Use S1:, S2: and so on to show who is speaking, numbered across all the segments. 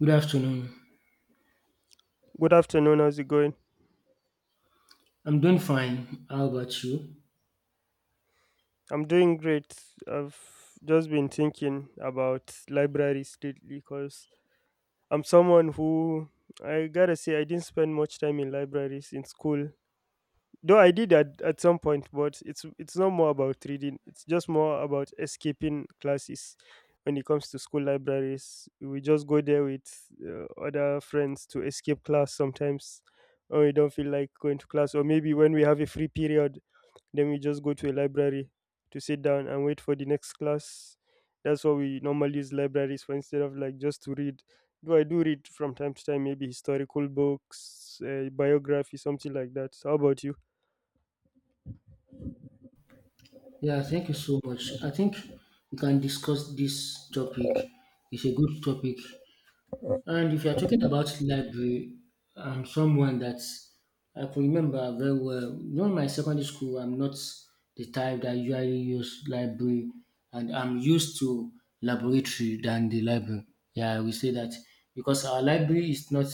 S1: Good afternoon.
S2: Good afternoon. How's it going?
S1: I'm doing fine. How about you?
S2: I'm doing great. I've just been thinking about libraries lately because I'm someone who, I gotta say, I didn't spend much time in libraries in school. Though I did at some point, but it's not more about reading. It's just more about escaping classes. When it comes to school libraries, we just go there with other friends to escape class sometimes, when we don't feel like going to class, or maybe when we have a free period. Then we just go to a library to sit down and wait for the next class. That's what we normally use libraries for instead of like just to read. Though I do read from time to time, maybe historical books, biography, something like that. So how about you?
S1: Yeah, thank you so much. I think we can discuss this topic. It's a good topic. And if you're talking about library, I'm someone that I can remember very well. During my secondary school, I'm not the type that usually use library, and I'm used to laboratory than the library. Yeah, we say that because our library is not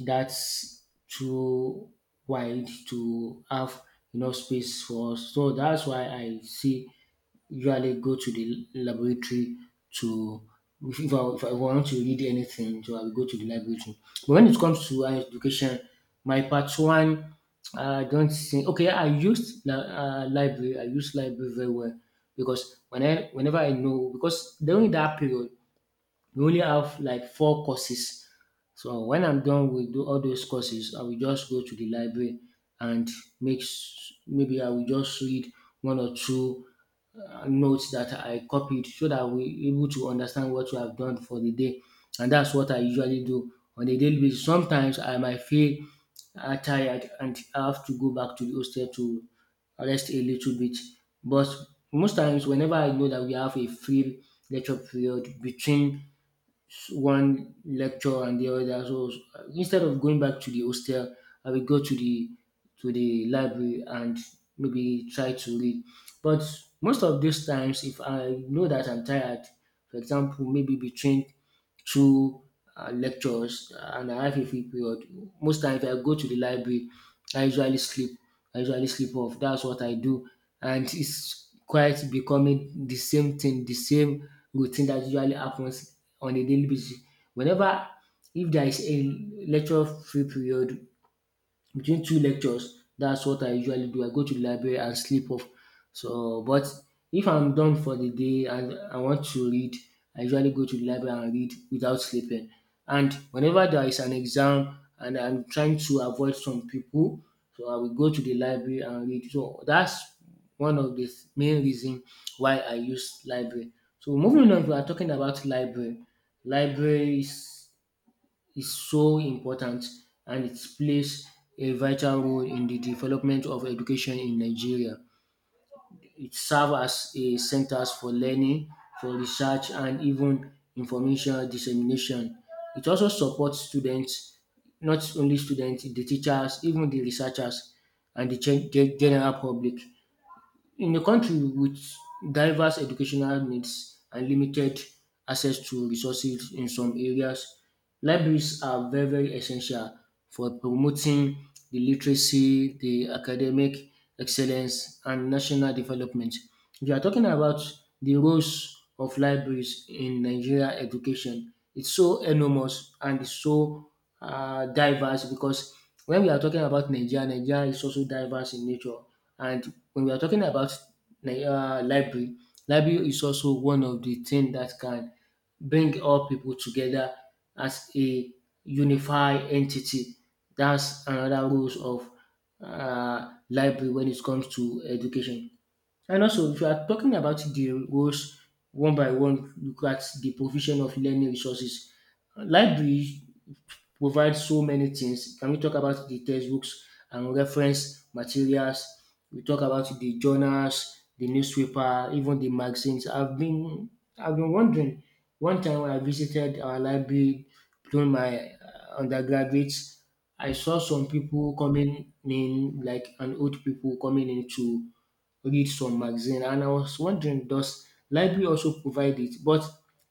S1: that's too wide to have enough space for us. So that's why I see usually go to the laboratory to if I want to read anything, so I will go to the laboratory. But when it comes to higher education, my part one, I don't think okay. Library. I used library very well because whenever I know because during that period we only have like four courses. So when I'm done with all those courses, I will just go to the library and maybe I will just read one or two notes that I copied so that we able to understand what we have done for the day. And that's what I usually do on a daily basis. Sometimes I might feel tired and I have to go back to the hostel to rest a little bit. But most times, whenever I know that we have a free lecture period between one lecture and the other. So instead of going back to the hostel, I will go to the library and maybe try to read. But most of these times, if I know that I'm tired, for example, maybe between through lectures and I have a free period. Most times if I go to the library, I usually sleep. I usually sleep off. That's what I do. And it's quite becoming the same thing, the same routine that usually happens on a daily basis. Whenever if there is a lecture free period between two lectures, that's what I usually do. I go to the library and sleep off. So, but if I'm done for the day and I want to read, I usually go to the library and read without sleeping. And whenever there is an exam and I'm trying to avoid some people, so I will go to the library and read. So that's one of the main reason why I use library. So moving on, we are talking about library. Libraries is so important and it plays a vital role in the development of education in Nigeria. It serves as a centers for learning, for research, and even information dissemination. It also supports students, not only students, the teachers, even the researchers, and the general public. In a country with diverse educational needs and limited access to resources in some areas, libraries are very, very essential for promoting the literacy, the academic excellence, and national development. If you are talking about the roles of libraries in Nigeria education, it's so enormous and it's so diverse because when we are talking about Nigeria, Nigeria is also diverse in nature. And when we are talking about library, library is also one of the things that can bring all people together as a unified entity. That's another rules of library when it comes to education. And also, if you are talking about the roles one by one, look at the provision of learning resources. Library provide so many things. Can we talk about the textbooks and reference materials? We talk about the journals, the newspaper, even the magazines. I've been wondering. One time when I visited our library during my undergraduate, I saw some people coming in, like an old people coming in to read some magazine, and I was wondering, does library also provide it? But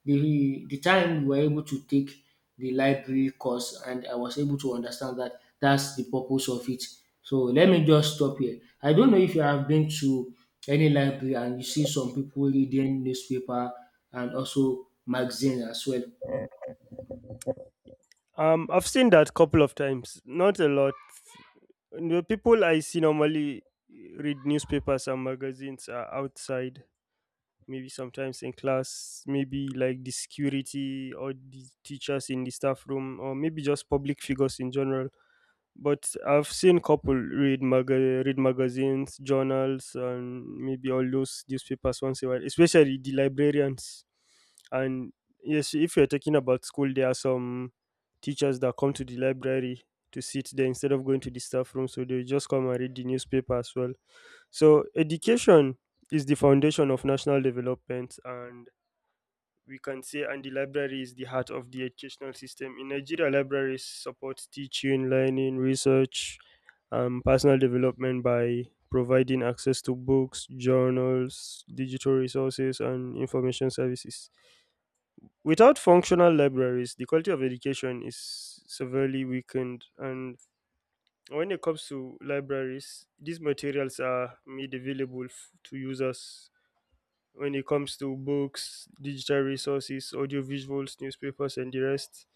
S1: the time we were able to take the library course, and I was able to understand that that's the purpose of it. So let me just stop here. I don't know if you have been to any library and you see some people reading newspaper and also magazine as well.
S2: I've seen that couple of times, not a lot. The people I see normally read newspapers and magazines are outside, maybe sometimes in class, maybe like the security or the teachers in the staff room, or maybe just public figures in general. But I've seen couple read read magazines, journals, and maybe all those newspapers once in a while, especially the librarians. And yes, if you're talking about school, there are some teachers that come to the library to sit there instead of going to the staff room, so they just come and read the newspaper as well. So education is the foundation of national development, and we can say and the library is the heart of the educational system in Nigeria. Libraries support teaching, learning, research, and personal development by providing access to books, journals, digital resources, and information services. Without functional libraries, the quality of education is severely weakened. And when it comes to libraries, these materials are made available to users. When it comes to books, digital resources, audiovisuals, newspapers, and the rest,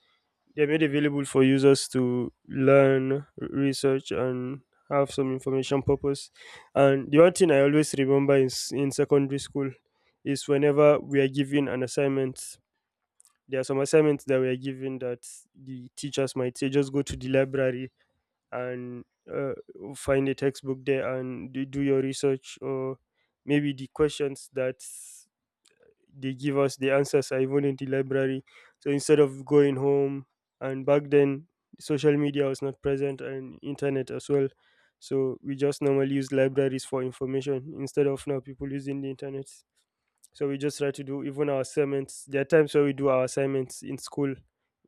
S2: they're made available for users to learn, research, and have some information purpose. And the one thing I always remember is, in secondary school, is whenever we are given an assignment, there are some assignments that we are given that the teachers might say, just go to the library and uh, find a textbook there and do your research, or maybe the questions that they give us, the answers are even in the library. So instead of going home, and back then social media was not present and internet as well, so we just normally use libraries for information instead of now people using the internet. So we just try to do even our assignments. There are times where we do our assignments in school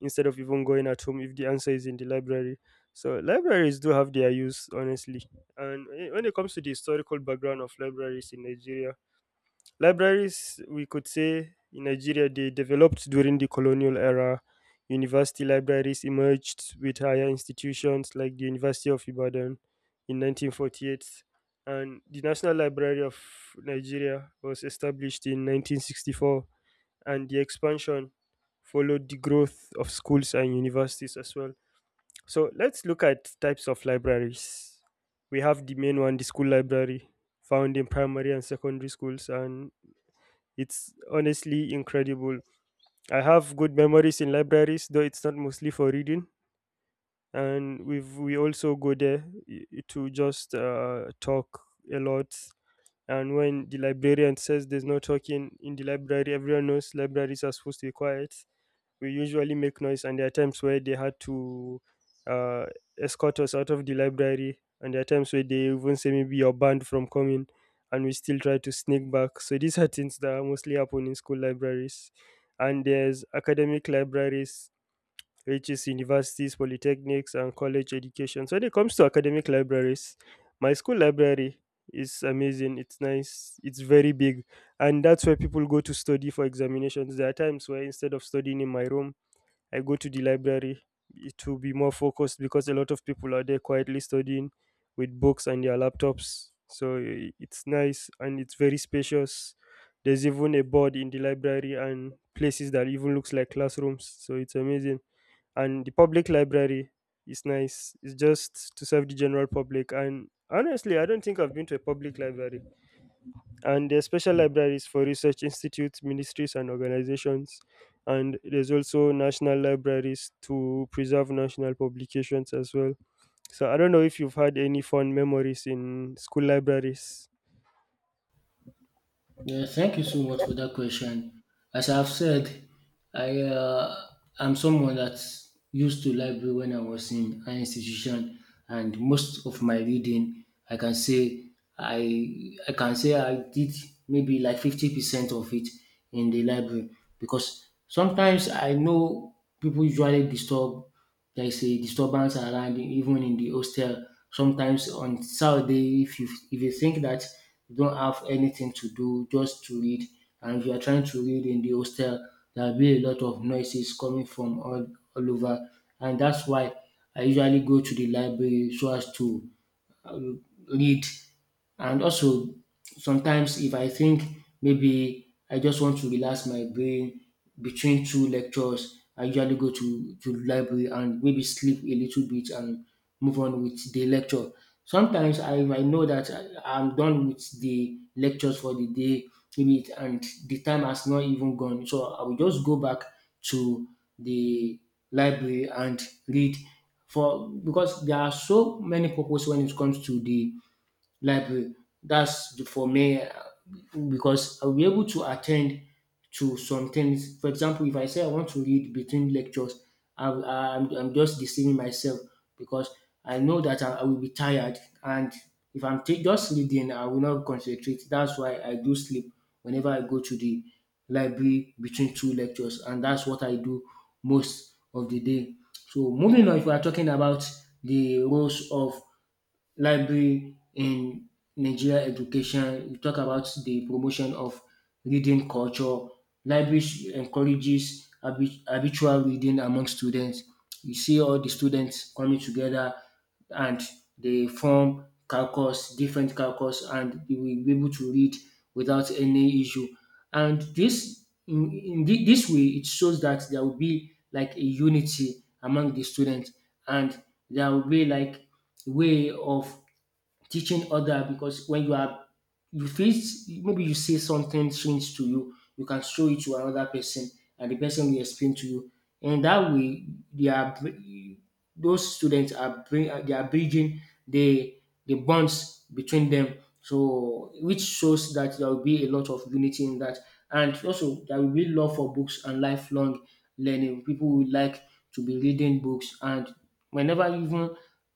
S2: instead of even going at home if the answer is in the library. So libraries do have their use, honestly. And when it comes to the historical background of libraries in Nigeria, libraries, we could say, in Nigeria, they developed during the colonial era. University libraries emerged with higher institutions like the University of Ibadan in 1948, and the National Library of Nigeria was established in 1964, and the expansion followed the growth of schools and universities as well. So let's look at types of libraries. We have the main one, the school library, found in primary and secondary schools, and it's honestly incredible. I have good memories in libraries, though it's not mostly for reading. And we also go there to just talk a lot. And when the librarian says there's no talking in the library, everyone knows libraries are supposed to be quiet. We usually make noise, and there are times where they had to uh, escort us out of the library, and there are times where they even say maybe you're banned from coming, and we still try to sneak back. So these are things that mostly happen in school libraries. And there's academic libraries, which is universities, polytechnics, and college education. So when it comes to academic libraries, my school library is amazing. It's nice, it's very big, and that's where people go to study for examinations. There are times where instead of studying in my room, I go to the library to be more focused, because a lot of people are there quietly studying with books and their laptops. So it's nice and it's very spacious. There's even a board in the library and places that even looks like classrooms. So it's amazing. And the public library is nice. It's just to serve the general public. And honestly, I don't think I've been to a public library. And there's special libraries for research institutes, ministries, and organizations. And there's also national libraries to preserve national publications as well. So I don't know if you've had any fond memories in school libraries.
S1: Yeah, thank you so much for that question. As I've said, I I'm someone that used to library when I was in an institution, and most of my reading, I can say I can say I did maybe like 50% of it in the library because sometimes I know people usually disturb there is a disturbance around even in the hostel. Sometimes on Saturday, if you think that you don't have anything to do, just to read, and if you are trying to read in the hostel, there will be a lot of noises coming from all over, and that's why I usually go to the library so as to read, and also sometimes if I think maybe I just want to relax my brain between two lectures, I usually go to the library and maybe sleep a little bit and move on with the lecture. Sometimes I know that I am done with the lectures for the day, and the time has not even gone. So I will just go back to the library and read for because there are so many purposes when it comes to the like that's for me because I'll be able to attend to some things. For example, if I say I want to read between lectures, I'm just deceiving myself because I know that I will be tired. And if I'm ta- just reading, I will not concentrate. That's why I do sleep whenever I go to the library between two lectures. And that's what I do most of the day. So moving on, if we are talking about the roles of library in Nigeria education. You talk about the promotion of reading culture. Libraries encourages habitual reading among students. You see all the students coming together and they form calculus, different calculus, and they will be able to read without any issue. And this this way, it shows that there will be like a unity among the students, and there will be like way of teaching other because when you are you face maybe you say something strange to you, you can show it to another person and the person will explain to you, and that way they are br- those students are bring they are bridging the the bonds between them, so which shows that there will be a lot of unity in that. And also, there will be love for books and lifelong learning. People will like to be reading books, and whenever even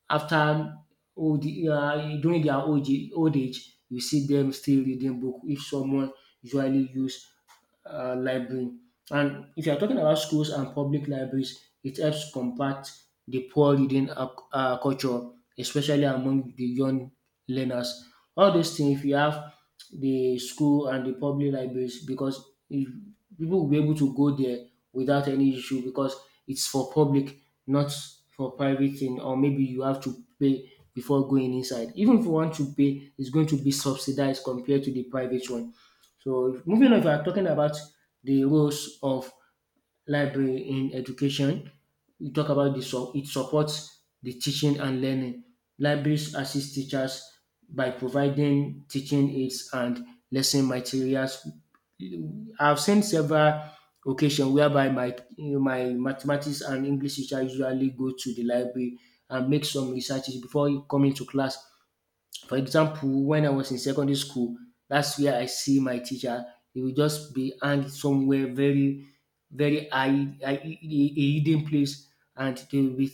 S1: after old during their old age, you see them still reading book if someone usually use library. And if you're talking about schools and public libraries, it helps combat the poor reading culture, especially among the young learners. All those things, if you have the school and the public libraries, because if people will be able to go there without any issue because it's for public, not for private thing, or maybe you have to pay before going inside. Even if you want to pay, it's going to be subsidized compared to the private one. So moving on, if you are talking about the roles of library in education. We talk about the so it supports the teaching and learning. Libraries assist teachers by providing teaching aids and lesson materials. I've seen several occasions whereby my mathematics and English teacher usually go to the library and make some researches before coming to class. For example, when I was in secondary school, that's where I see my teacher. He will just be hanged somewhere very, very a hidden place, and they will be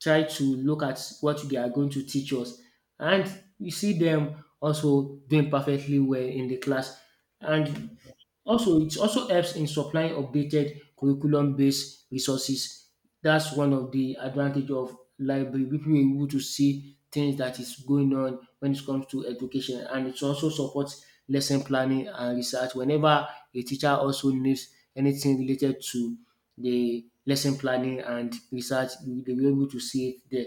S1: try to look at what they are going to teach us. And you see them also doing perfectly well in the class, and also, it also helps in supplying updated curriculum-based resources. That's one of the advantage of library. People are able to see things that is going on when it comes to education, and it also supports lesson planning and research. Whenever a teacher also needs anything related to the lesson planning and research, they will be able to see it there.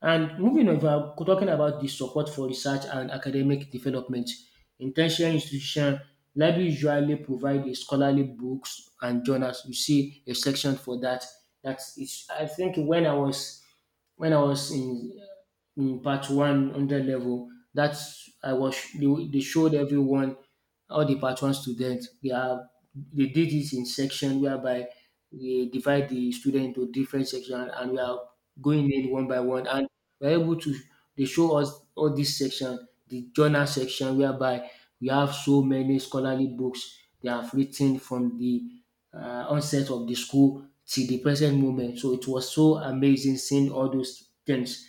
S1: And moving on, if I'm talking about the support for research and academic development, intentional institution, library usually provide the scholarly books and journals. You see a section for that. I think when I was when I was in part one under level, that's I was they showed everyone all the part one students they did it in section whereby we divide the student into different sections and we are going in one by one and we are able to dey show us all dis section, de journal section whereby we have so many scholarly books they have writ ten from de onset of the school till the present moment. So it was so amazing seeing all those things.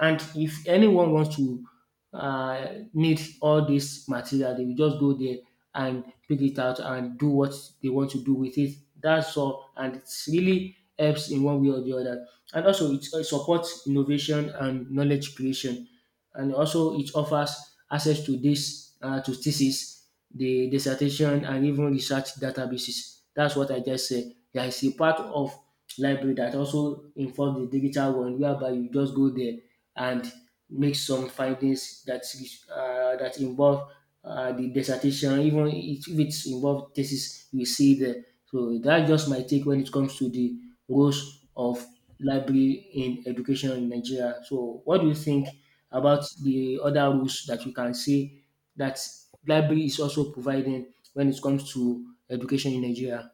S1: And if anyone wants to uh, need all this material, they will just go there and pick it out and do what they want to do with it. That's all. And it really helps in one way or the other. And also, it supports innovation and knowledge creation, and also it offers access to this to thesis, the dissertation, and even research databases. That's what I just said. There is a part of library that also involves the digital one, whereby you just go there and make some findings that involve the dissertation, even if it's involved thesis, you see there. So that's just my take when it comes to the roles of library in education in Nigeria. So what do you think about the other rules that you can say that library is also providing when it comes to education in Nigeria?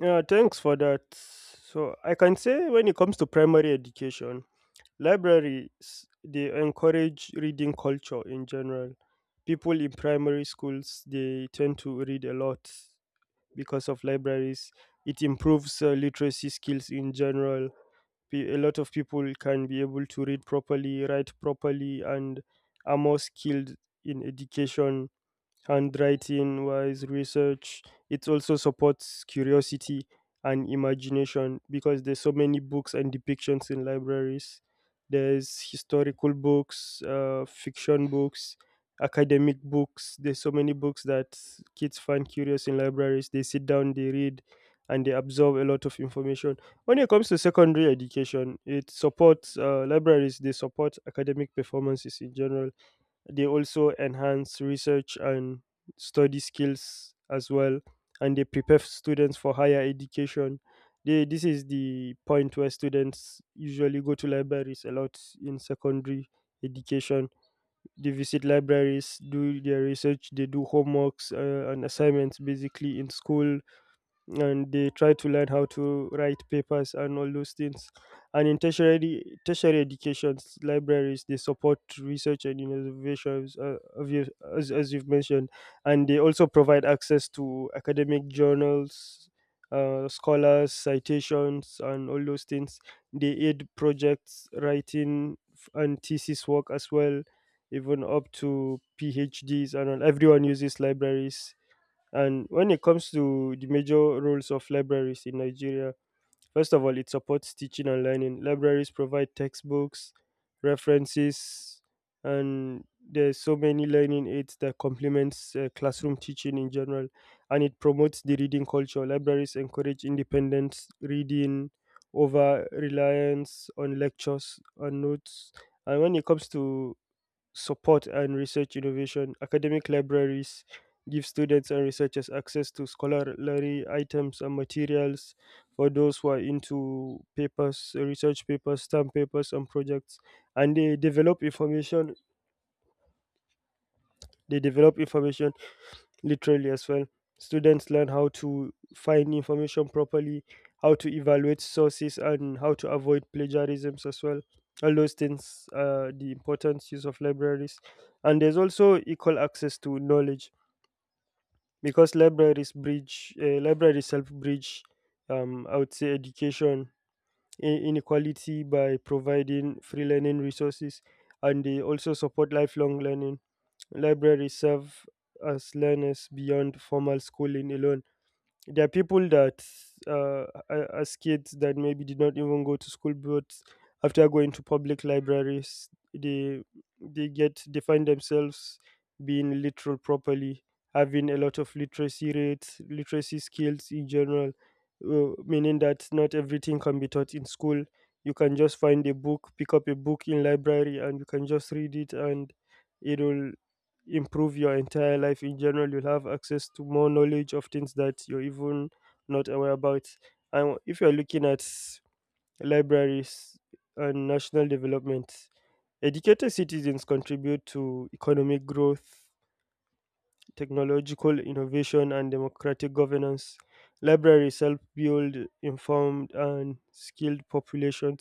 S2: Yeah, thanks for that. So I can say, when it comes to primary education, libraries, they encourage reading culture in general. People in primary schools, they tend to read a lot because of libraries. It improves literacy skills in general. A lot of people can be able to read properly, write properly, and are more skilled in education, handwriting wise research. It also supports curiosity and imagination because there's so many books and depictions in libraries. There's historical books, fiction books, academic books. There's so many books that kids find curious in libraries. They sit down, they read, and they absorb a lot of information. When it comes to secondary education, it supports, libraries, they support academic performances in general. They also enhance research and study skills as well, and they prepare students for higher education. They, this is the point where students usually go to libraries a lot in secondary education. They visit libraries, do their research, they do homeworks and assignments basically in school, and they try to learn how to write papers and all those things. And in tertiary educations, libraries, they support research and innovations, as you've mentioned, and they also provide access to academic journals, scholars, citations, and all those things. They aid projects writing and thesis work as well, even up to PhDs and all. Everyone uses libraries. And when it comes to the major roles of libraries in Nigeria, first of all, it supports teaching and learning. Libraries provide textbooks, references, and there's so many learning aids that complements classroom teaching in general. And it promotes the reading culture. Libraries encourage independent reading over reliance on lectures and notes. And when it comes to support and research innovation, academic libraries give students and researchers access to scholarly items and materials for those who are into papers, research papers, STEM papers, and projects. And they develop information. They develop information literally as well. Students learn how to find information properly, how to evaluate sources, and how to avoid plagiarisms as well. All those things are the important use of libraries. And there's also equal access to knowledge because libraries help bridge, I would say, education inequality by providing free learning resources. And they also support lifelong learning. Libraries serve as learners beyond formal schooling alone. There are people that, as kids, that maybe did not even go to school, but after going to public libraries, they they get they find themselves being literal properly, having a lot of literacy rates, literacy skills in general, meaning that not everything can be taught in school. You can just find a book, pick up a book in library, and you can just read it, and it'll improve your entire life in general. You'll have access to more knowledge of things that you're even not aware about. And if you're looking at libraries and national development, educated citizens contribute to economic growth, technological innovation, and democratic governance. Libraries help build informed and skilled populations.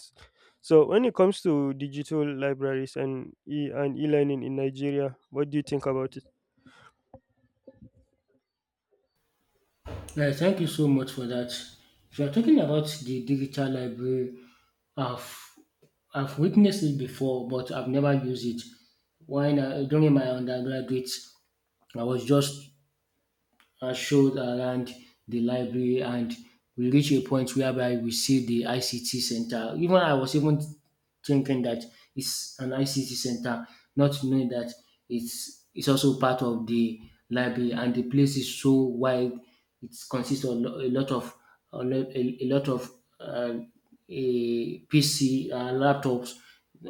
S2: So when it comes to digital libraries and e-learning in Nigeria, what do you think about it?
S1: Yeah, thank you so much for that. If you're talking about the digital library, I've, I've witnessed it before, but I've never used it. When I, during my undergraduate, I was just showed around the library, and we reach a point whereby we see the ICT center. Even I was even thinking that it's an ICT center, not knowing that it's also part of the library and the place is so wide. It consists of lo- a lot of a lo- a lot of uh, a PC laptops.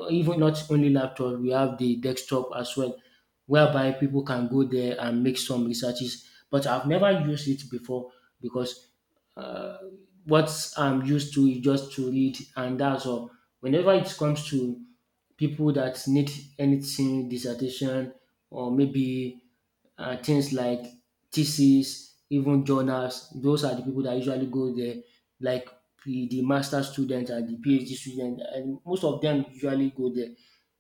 S1: Even not only laptop, we have the desktop as well, whereby people can go there and make some researches. But I've never used it before because uh, what I'm used to is just to read, and that's all. Whenever it comes to people that need anything, dissertation, or maybe things like thesis, even journals, those are the people that usually go there, like the master students and the PhD students, and most of them usually go there.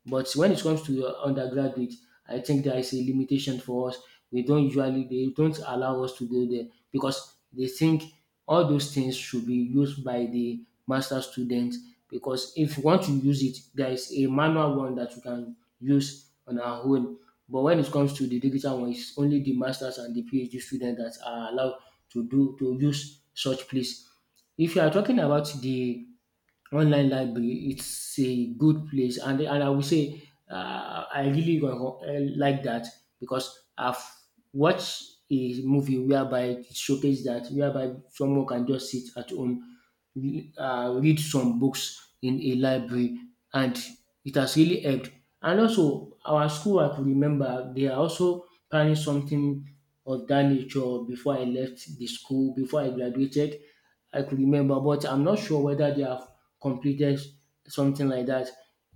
S1: But when it comes to undergraduate, I think there is a limitation for us. We don't usually They don't allow us to go there because they think all those things should be used by the master students. Because if you want to use it, there is a manual one that you can use on our own. But when it comes to the digital one, it's only the masters and the PhD students that are allowed to use such place. If you are talking about the online library, it's a good place, and I will say I really like that because I've watched a movie whereby it showcased that, whereby someone can just sit at home, read some books in a library, and it has really helped. And also, our school, I could remember, they are also planning something of that nature before I left the school, before I graduated. I could remember, but I'm not sure whether they have completed something like that.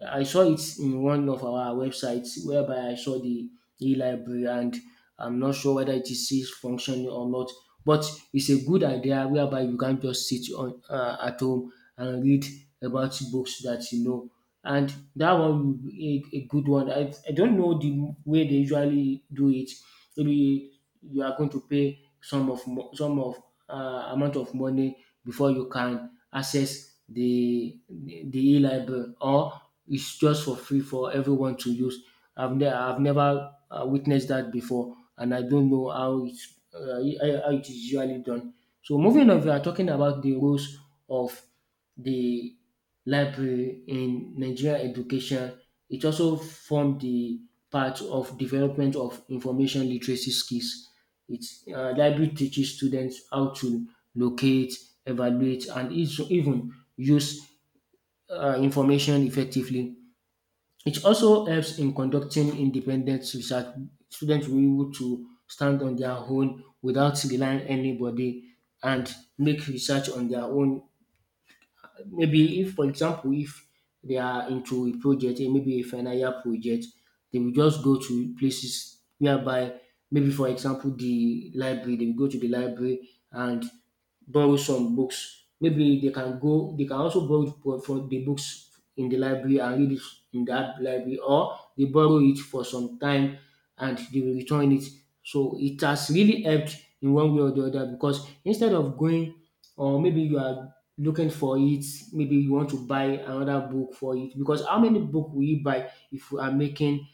S1: I saw it in one of our websites whereby I saw the e-library, and I'm not sure whether it is still functioning or not. But it's a good idea whereby you can't just sit on at home and read about books that you know. And that one will be a good one. I don't know the way they usually do it. Maybe you are going to pay some of mo- some of amount of money before you can access the e-library, or it's just for free for everyone to use. I've never witnessed that before, and I don't know how it's uh, how it is usually done. So moving on, we are talking about the roles of the library in Nigerian education. It also formed the part of development of information literacy skills. It's Library teaches students how to locate, evaluate, and even use information effectively. It also helps in conducting independent research. Students will be able to stand on their own without relying anybody and make research on their own. Maybe if, for example, if they are into a project, maybe a final year project, they will just go to places whereby, maybe for example, the library, they will go to the library and borrow some books. Maybe they can go, they can also borrow it from the books in the library and read it in that library, or they borrow it for some time and they will return it. So it has really helped in one way or the other, because instead of going, or maybe you are looking for it, maybe you want to buy another book for it. Because how many book will you buy if you are making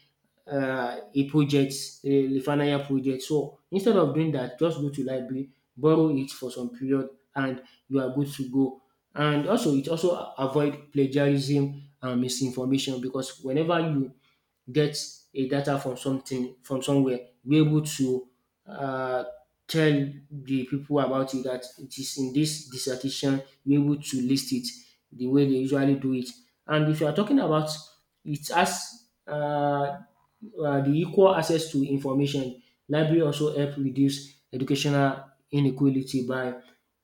S1: a project, a final project. So instead of doing that, just go to library, borrow it for some period, and you are good to go. And also, it also avoid plagiarism and misinformation because whenever you get a data from something from somewhere, be able to uh, tell the people about it that it is in this dissertation, be able to list it the way they usually do it. And if you are talking about it as the equal access to information, library also help reduce educational inequality by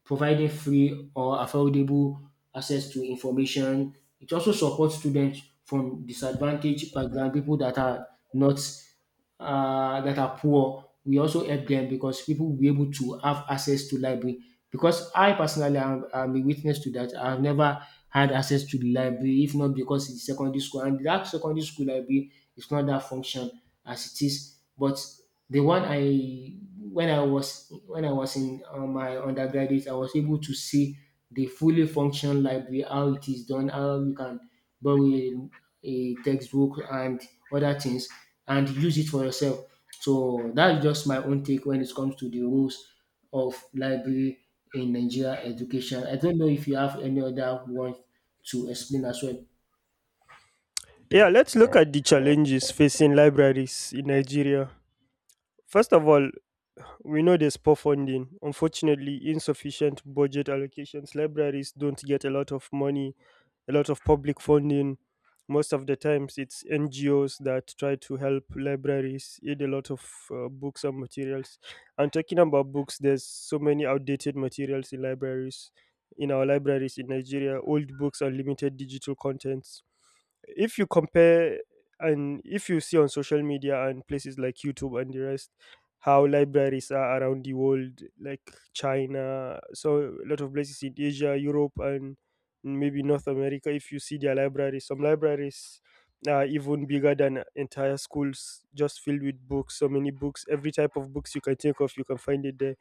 S1: providing free or affordable access to information. It also supports students from disadvantaged background, people that are not that are poor. We also help them because people will be able to have access to library. Because I personally am a witness to that. I've never had access to the library, if not because it's secondary school, and that secondary school library is not that function as it is. But the one I when I was in my undergraduate, I was able to see the fully functional library, how it is done, how you can borrow a textbook and other things and use it for yourself. So that's just my own take when it comes to the rules of library in Nigeria education. I don't know if you have any other one to explain as well.
S2: Yeah, let's look at the challenges facing libraries in Nigeria. First of all, we know there's poor funding. Unfortunately, insufficient budget allocations. Libraries don't get a lot of money, a lot of public funding. Most of the times, it's NGOs that try to help libraries aid a lot of books and materials. And talking about books, there's so many outdated materials in libraries, in our libraries in Nigeria, old books and limited digital contents. If you compare, and if you see on social media and places like YouTube and the rest, how libraries are around the world, like China, so a lot of places in Asia, Europe, and maybe North America. If you see their libraries, some libraries are even bigger than entire schools, just filled with books. So many books, every type of books you can think of, you can find it there.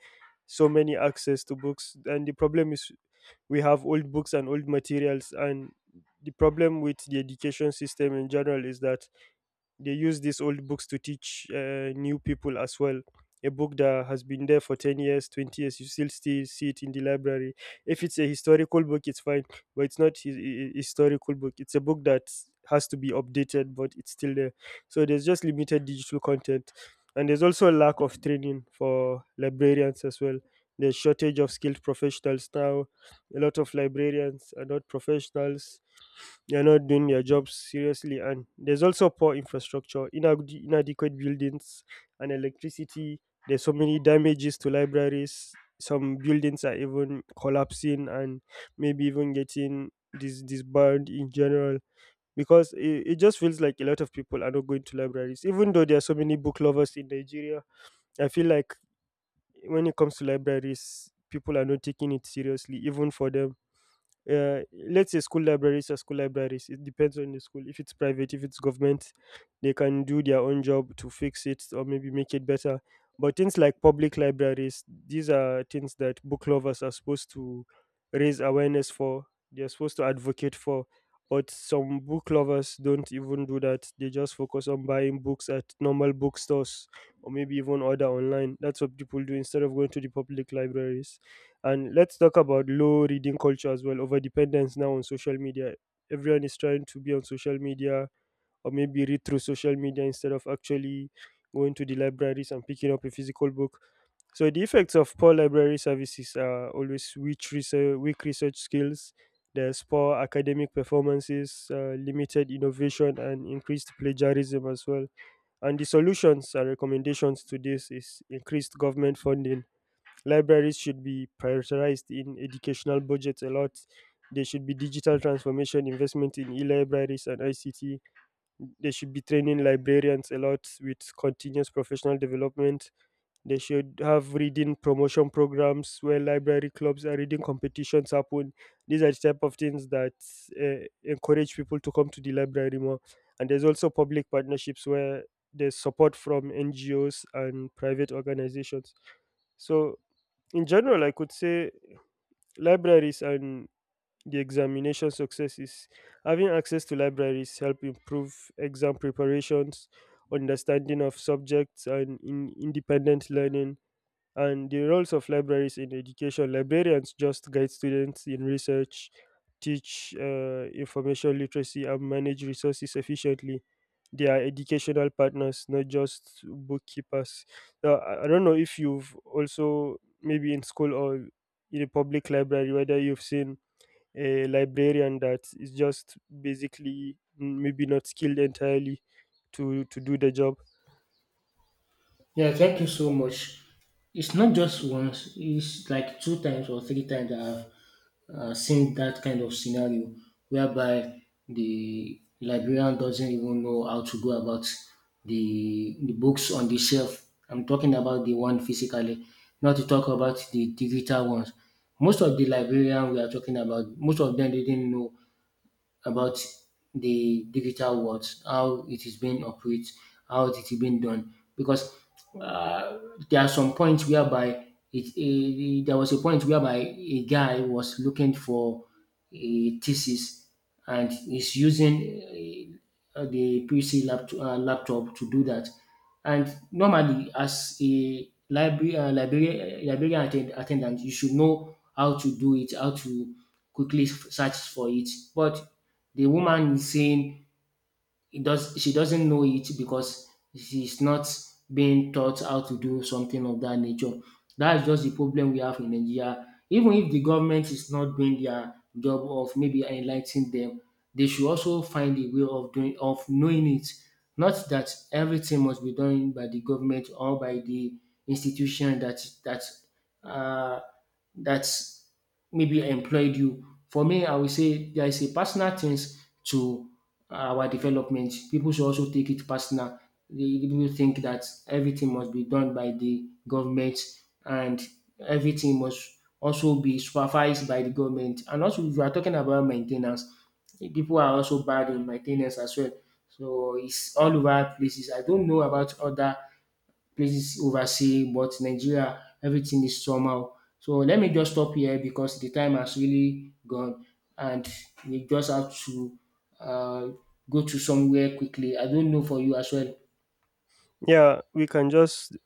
S2: So many access to books, and the problem is we have old books and old materials, and the problem with the education system in general is that they use these old books to teach new people as well. A book that has been there for 10 years, 20 years, you still see it in the library. If it's a historical book, it's fine, but it's not a historical book. It's a book that has to be updated, but it's still there. So there's just limited digital content. And there's also a lack of training for librarians as well. There's shortage of skilled professionals now. A lot of librarians are not professionals, they're not doing their jobs seriously. And there's also poor infrastructure, inadequate buildings and electricity. There's so many damages to libraries. Some buildings are even collapsing and maybe even getting disbanded in general, because it just feels like a lot of people are not going to libraries. Even though there are so many book lovers in Nigeria, I feel like when it comes to libraries, people are not taking it seriously, even for them. Let's say school libraries are school libraries. It depends on the school. If it's private, if it's government, they can do their own job to fix it or maybe make it better. But things like public libraries, these are things that book lovers are supposed to raise awareness for. They're supposed to advocate for. But some book lovers don't even do that. They just focus on buying books at normal bookstores or maybe even order online. That's what people do instead of going to the public libraries. And let's talk about low reading culture as well, over dependence now on social media. Everyone is trying to be on social media or maybe read through social media instead of actually going to the libraries and picking up a physical book. So the effects of poor library services are always weak research skills, there's poor academic performances, limited innovation, and increased plagiarism as well. And the solutions and recommendations to this is increased government funding. Libraries should be prioritized in educational budgets a lot. There should be digital transformation investment in e-libraries and ICT. They should be training librarians a lot with continuous professional development. They should have reading promotion programs where library clubs and reading competitions happen. These are the type of things that encourage people to come to the library more. And there's also public partnerships where there's support from NGOs and private organizations. So in general, I could say libraries and the examination successes. Having access to libraries help improve exam preparations, understanding of subjects, and in independent learning. And the roles of libraries in education, librarians just guide students in research, teach information literacy, and manage resources efficiently. They are educational partners, not just bookkeepers. Now, I don't know if you've also, maybe in school or in a public library, whether you've seen a librarian that is just basically mm, maybe not skilled entirely to do the job.
S1: Yeah, thank you so much. It's not just once, it's like two times or three times that I've seen that kind of scenario whereby the librarian doesn't even know how to go about the books on the shelf. I'm talking about the one physically, not to talk about the digital ones. Most of the librarian we are talking about, most of them didn't know about the digital world, how it is being operated, how it is being done. Because uh, there are some points whereby there was a point whereby a guy was looking for a thesis and is using the PC laptop, laptop to do that. And normally, as a library librarian, attendant, you should know how to do it, how to quickly search for it. But the woman is saying it does she doesn't know it because she's not being taught how to do something of that nature. That's just the problem we have in Nigeria. Even if the government is not doing their job of maybe enlightening them, they should also find a way of doing of knowing it. Not that everything must be done by the government or by the institution uh, that maybe employed you. For me, I would say there is a personal things to our development. People should also take it personal. They People think that everything must be done by the government and everything must also be supervised by the government. And also, if you are talking about maintenance. Ten people are also bad in maintenance as well. So it's all over places. I don't know about other places overseas, but Nigeria, everything is somehow. So let me just stop here because the time has really gone, and we just have to uh, go to somewhere quickly. I don't know for you as well.
S2: Yeah, we can just